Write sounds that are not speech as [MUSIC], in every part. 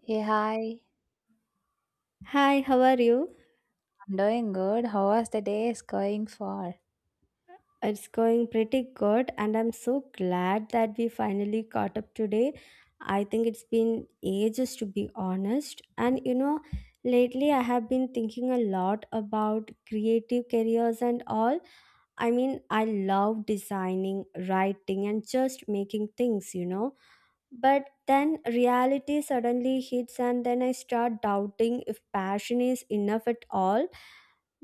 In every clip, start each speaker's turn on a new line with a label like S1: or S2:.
S1: Hey, hi.
S2: Hi, how are you?
S1: I'm doing good. How was the day is going for?
S2: It's going pretty good, and I'm so glad that we finally caught up today. I think it's been ages to be honest. And lately I have been thinking a lot about creative careers and all. I mean, I love designing, writing, and just making things. But then reality suddenly hits, and then I start doubting if passion is enough at all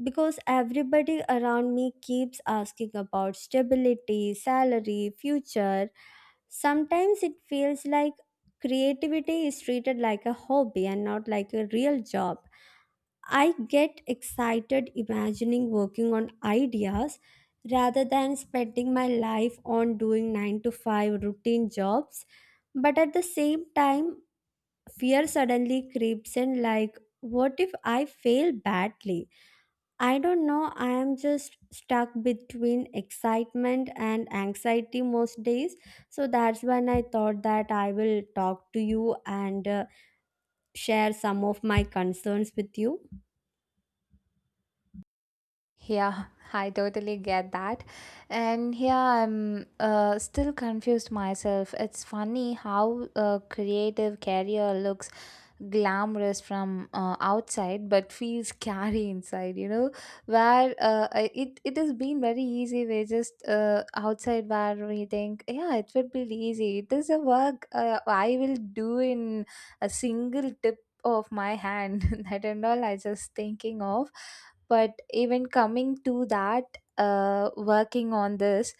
S2: because everybody around me keeps asking about stability, salary, future. Sometimes it feels like creativity is treated like a hobby and not like a real job. I get excited imagining working on ideas rather than spending my life on doing 9 to 5 routine jobs. But at the same time, fear suddenly creeps in like, what if I fail badly? I don't know. I am just stuck between excitement and anxiety most days. So that's when I thought that I will talk to you and share some of my concerns with you.
S1: Yeah, [LAUGHS] I totally get that. And yeah, I'm still confused myself. It's funny how a creative career looks glamorous from outside but feels [LAUGHS] scary inside, where it has been very easy. We just outside where we think, yeah, it would be easy. It is a work I will do in a single tip of my hand [LAUGHS] that and all I just thinking of. But even coming to that, working on this,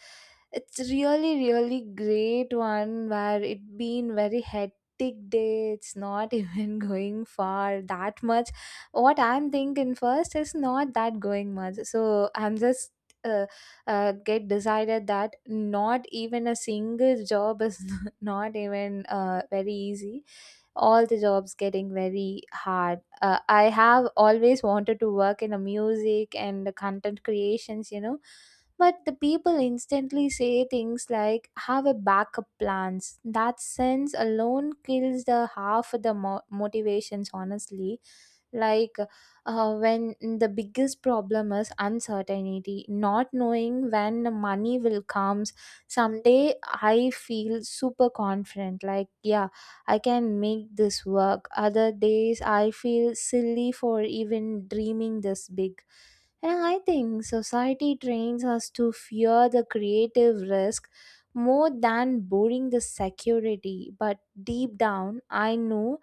S1: it's really, really great one where it been very hectic day. It's not [LAUGHS] even going far that much. What I'm thinking first is not that going much. So I'm just uh, get decided that not even a single job is [LAUGHS] not even very easy, all the jobs getting very hard. I have always wanted to work in the music and the content creations, but the people instantly say things like have a backup plans, that sense alone kills the half of the motivations honestly, like when the biggest problem is uncertainty, not knowing when the money will comes someday. I feel super confident, like, yeah, I can make this work. Other days, I feel silly for even dreaming this big. And I think society trains us to fear the creative risk more than boring the security. But deep down, I know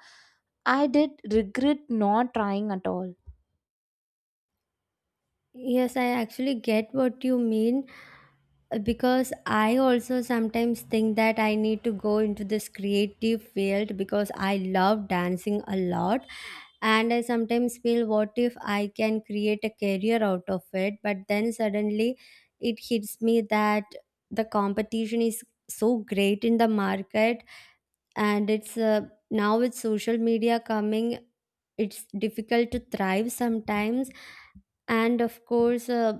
S1: I did regret not trying at all.
S2: Yes, I actually get what you mean because I also sometimes think that I need to go into this creative field because I love dancing a lot, and I sometimes feel what if I can create a career out of it. But then suddenly it hits me that the competition is so great in the market, and it's now with social media coming, it's difficult to thrive sometimes. And of course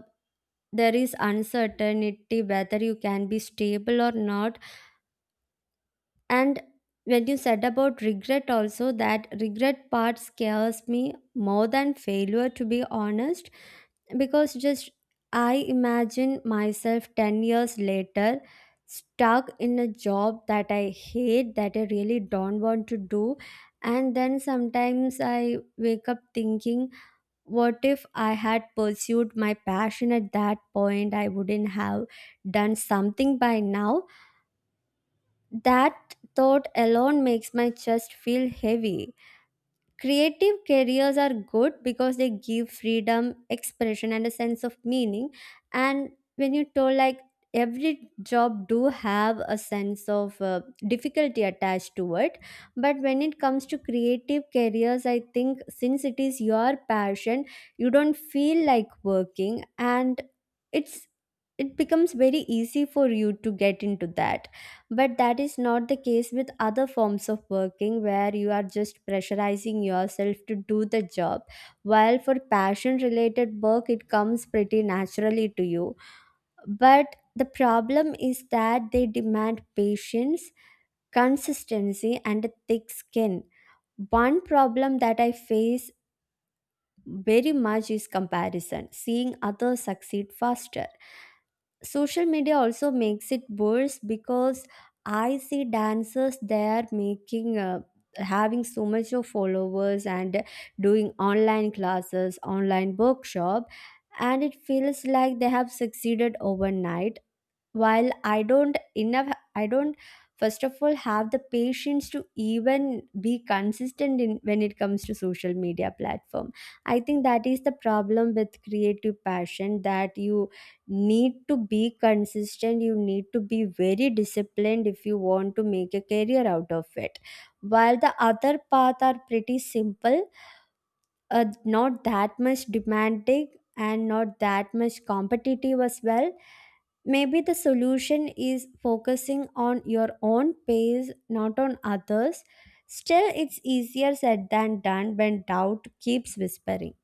S2: there is uncertainty whether you can be stable or not. And when you said about regret, also, that regret part scares me more than failure, to be honest, because just I imagine myself 10 years later stuck in a job that I hate, that I really don't want to do. And then sometimes I wake up thinking, what if I had pursued my passion at that point? I wouldn't have done something by now. That thought alone makes my chest feel heavy. Creative careers are good because they give freedom, expression, and a sense of meaning. And when you told like every job do have a sense of difficulty attached to it. But when it comes to creative careers, I think since it is your passion, you don't feel like working, and it's it becomes very easy for you to get into that. But that is not the case with other forms of working where you are just pressurizing yourself to do the job. While for passion related work, it comes pretty naturally to you. But the problem is that they demand patience, consistency, and a thick skin. One problem that I face very much is comparison, seeing others succeed faster. Social media also makes it worse because I see dancers there making having so much of followers and doing online classes, online workshop, and it feels like they have succeeded overnight, while I don't first of all have the patience to even be consistent in when it comes to social media platform. I think that is the problem with creative passion, that you need to be consistent, you need to be very disciplined if you want to make a career out of it, while the other path are pretty simple, not that much demanding and not that much competitive as well. Maybe the solution is focusing on your own pace, not on others. Still, it's easier said than done when doubt keeps whispering.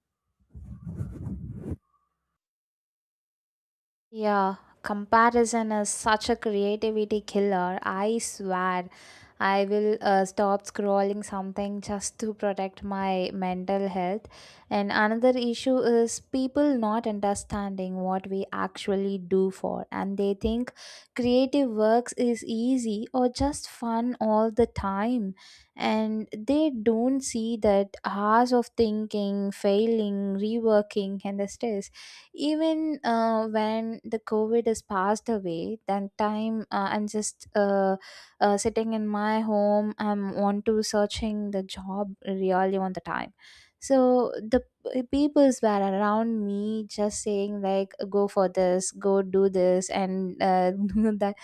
S1: Yeah, comparison is such a creativity killer. I swear, I will stop scrolling something just to protect my mental health. And another issue is people not understanding what we actually do for, and they think creative works is easy or just fun all the time. And they don't see that hours of thinking, failing, reworking, and the stress. Even when the covid is passed away, then time, I'm just sitting in my home, I'm want to searching the job really on the time. So the peoples were around me just saying like go for this, go do this, and [LAUGHS] that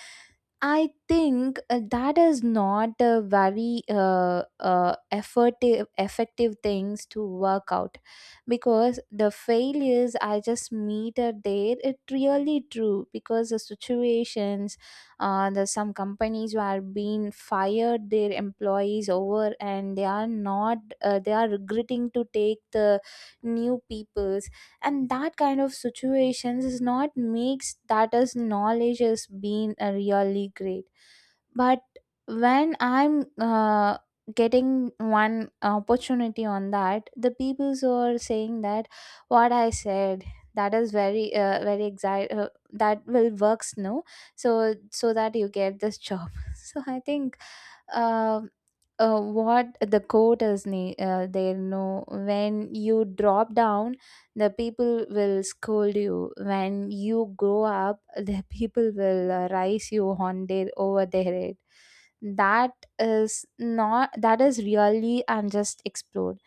S1: I think that is not a very effective things to work out, because the failures I just meet are there. It really true because the situations, there's some companies who are being fired their employees over and they are not they are regretting to take the new people, and that kind of situations is not makes that as knowledge has been really great. But when I'm getting one opportunity on that, the peoples are saying that what I said, that is very very exact, that will works, no, so so that you get this job. [LAUGHS] So I think uh, what the quote is there no, when you drop down the people will scold you, when you grow up the people will rise you on their over their head. That is not, that is really and just explode.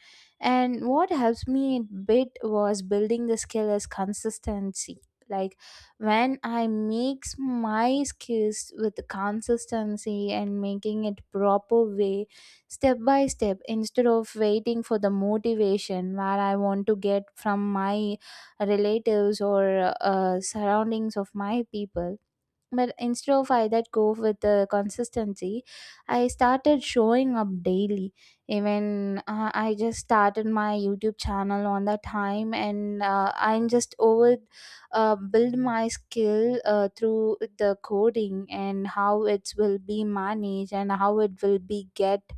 S1: And what helps me a bit was building the skill as consistency. Like when I mix my skills with consistency and making it proper way, step by step, instead of waiting for the motivation where I want to get from my relatives or surroundings of my people, but instead of I that go with the consistency, I started showing up daily. Even I just started my YouTube channel on that time, and I'm just over build my skill through the coding and how it will be managed and how it will be get,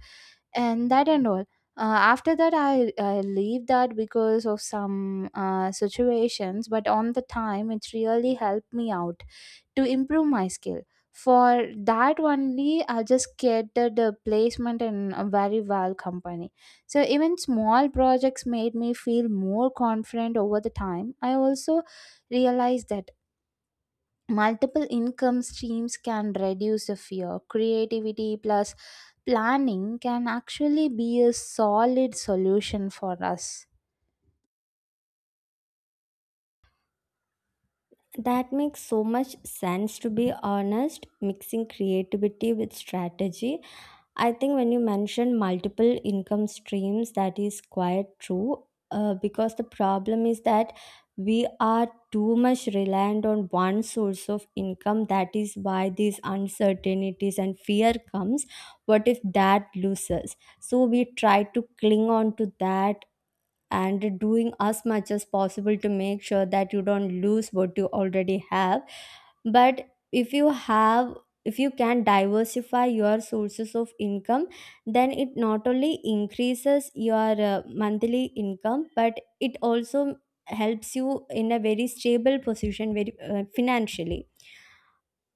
S1: and that and all. Uh, After that, I leave that because of some situations, but on the time, it really helped me out to improve my skill. For that only, I just get the placement in a very well company. So even small projects made me feel more confident over the time. I also realized that multiple income streams can reduce the fear, creativity plus planning can actually be a solid solution for us.
S2: That makes so much sense to be honest. Mixing creativity with strategy, I think when you mention multiple income streams, that is quite true. Because the problem is that we are too much reliant on one source of income. That is why these uncertainties and fear comes. What if that loses? So we try to cling on to that and doing as much as possible to make sure that you don't lose what you already have. But if you have, if you can diversify your sources of income, then it not only increases your monthly income, but it also helps you in a very stable position, very financially.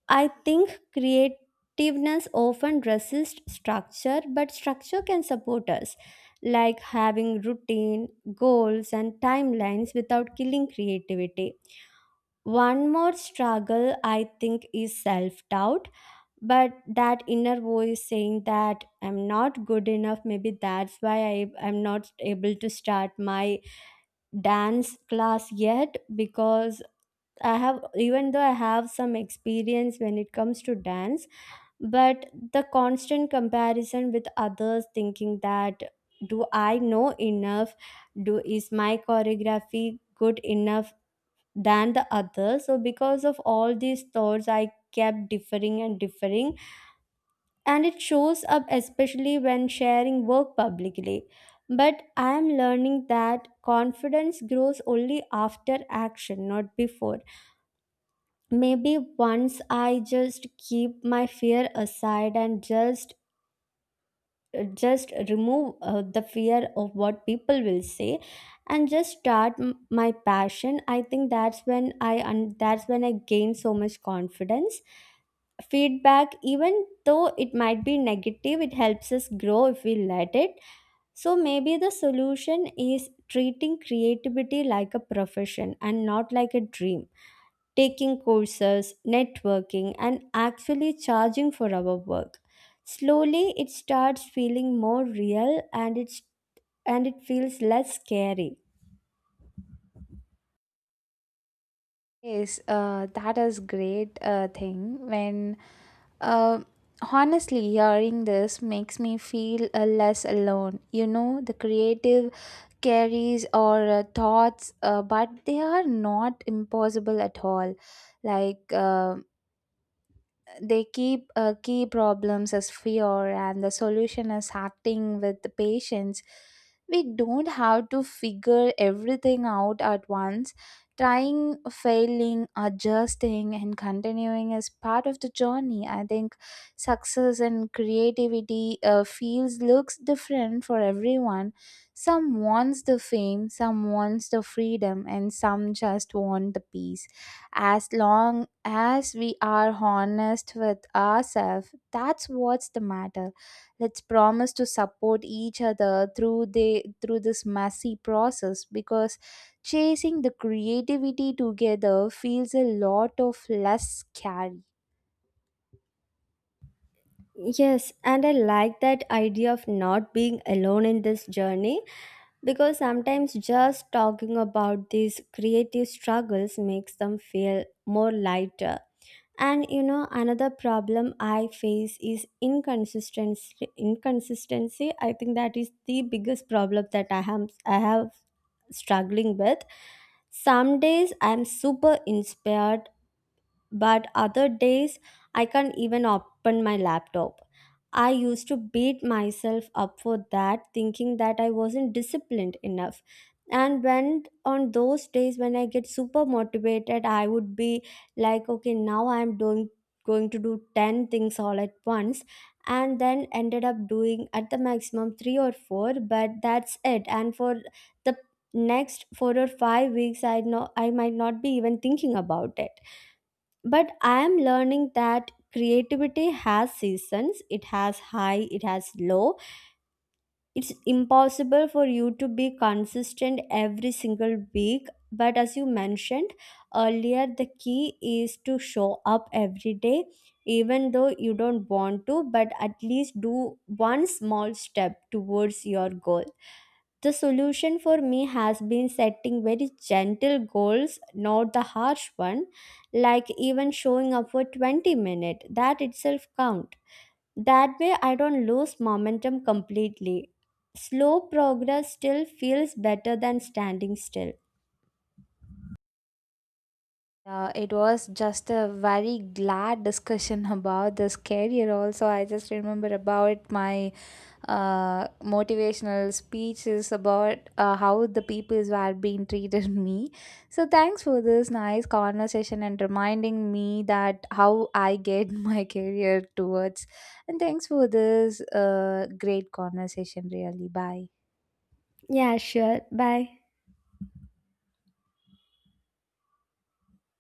S2: I think creativeness often resists structure, but structure can support us, like having routine, goals and timelines without killing creativity. One more struggle, I think, is self doubt, but that inner voice saying that I'm not good enough. Maybe that's why I'm not able to start my dance class yet, because even though I have some experience when it comes to dance, but the constant comparison with others thinking that, do I know enough? Do is my choreography good enough than the other? So because of all these thoughts I kept differing and differing, and it shows up especially when sharing work publicly. But I am learning that confidence grows only after action, not before. Maybe once I just keep my fear aside and just remove the fear of what people will say, and just start my passion, I think that's when that's when I gain so much confidence. Feedback, even though it might be negative, it helps us grow if we let it. So maybe the solution is treating creativity like a profession and not like a dream, taking courses, networking, and actually charging for our work. Slowly, it starts feeling more real, and it feels less scary.
S1: Yes, that is great thing. When uh, honestly hearing this makes me feel less alone, you know, the creative carries or thoughts, but they are not impossible at all. Like they keep key problems as fear and the solution as acting with the patience. We don't have to figure everything out at once. Trying, failing, adjusting, and continuing is part of the journey, I think. Success and creativity feels, looks different for everyone. Some wants the fame, some wants the freedom, and some just want the peace. As long as we are honest with ourselves, that's what's the matter. Let's promise to support each other through the through this messy process, because chasing the creativity together feels a lot of less scary.
S2: Yes, and I like that idea of not being alone in this journey because sometimes just talking about these creative struggles makes them feel more lighter. And you know, another problem I face is inconsistency. Inconsistency, I think that is the biggest problem that I have struggling with. Some days I'm super inspired, but other days I can't even open my laptop. I used to beat myself up for that, thinking that I wasn't disciplined enough. And when on those days when I get super motivated, I would be like, okay, now I'm doing going to do 10 things all at once, and then ended up doing at the maximum 3 or 4, but that's it. And for the next 4 or 5 weeks, I know I might not be even thinking about it. But I am learning that creativity has seasons, it has high, it has low. It's impossible for you to be consistent every single week. But as you mentioned earlier, the key is to show up every day, even though you don't want to, but at least do one small step towards your goal. The solution for me has been setting very gentle goals, not the harsh one, like even showing up for 20 minutes. That itself count. That way I don't lose momentum completely. Slow progress still feels better than standing still.
S1: It was just a very glad discussion [LAUGHS] about this career. Also I just remember about my motivational speeches about how the peoples were being treated [LAUGHS] me. So thanks for this nice conversation and reminding me that how I get [LAUGHS] my career towards. And thanks for this great conversation. Really, bye.
S2: Yeah, sure. Bye.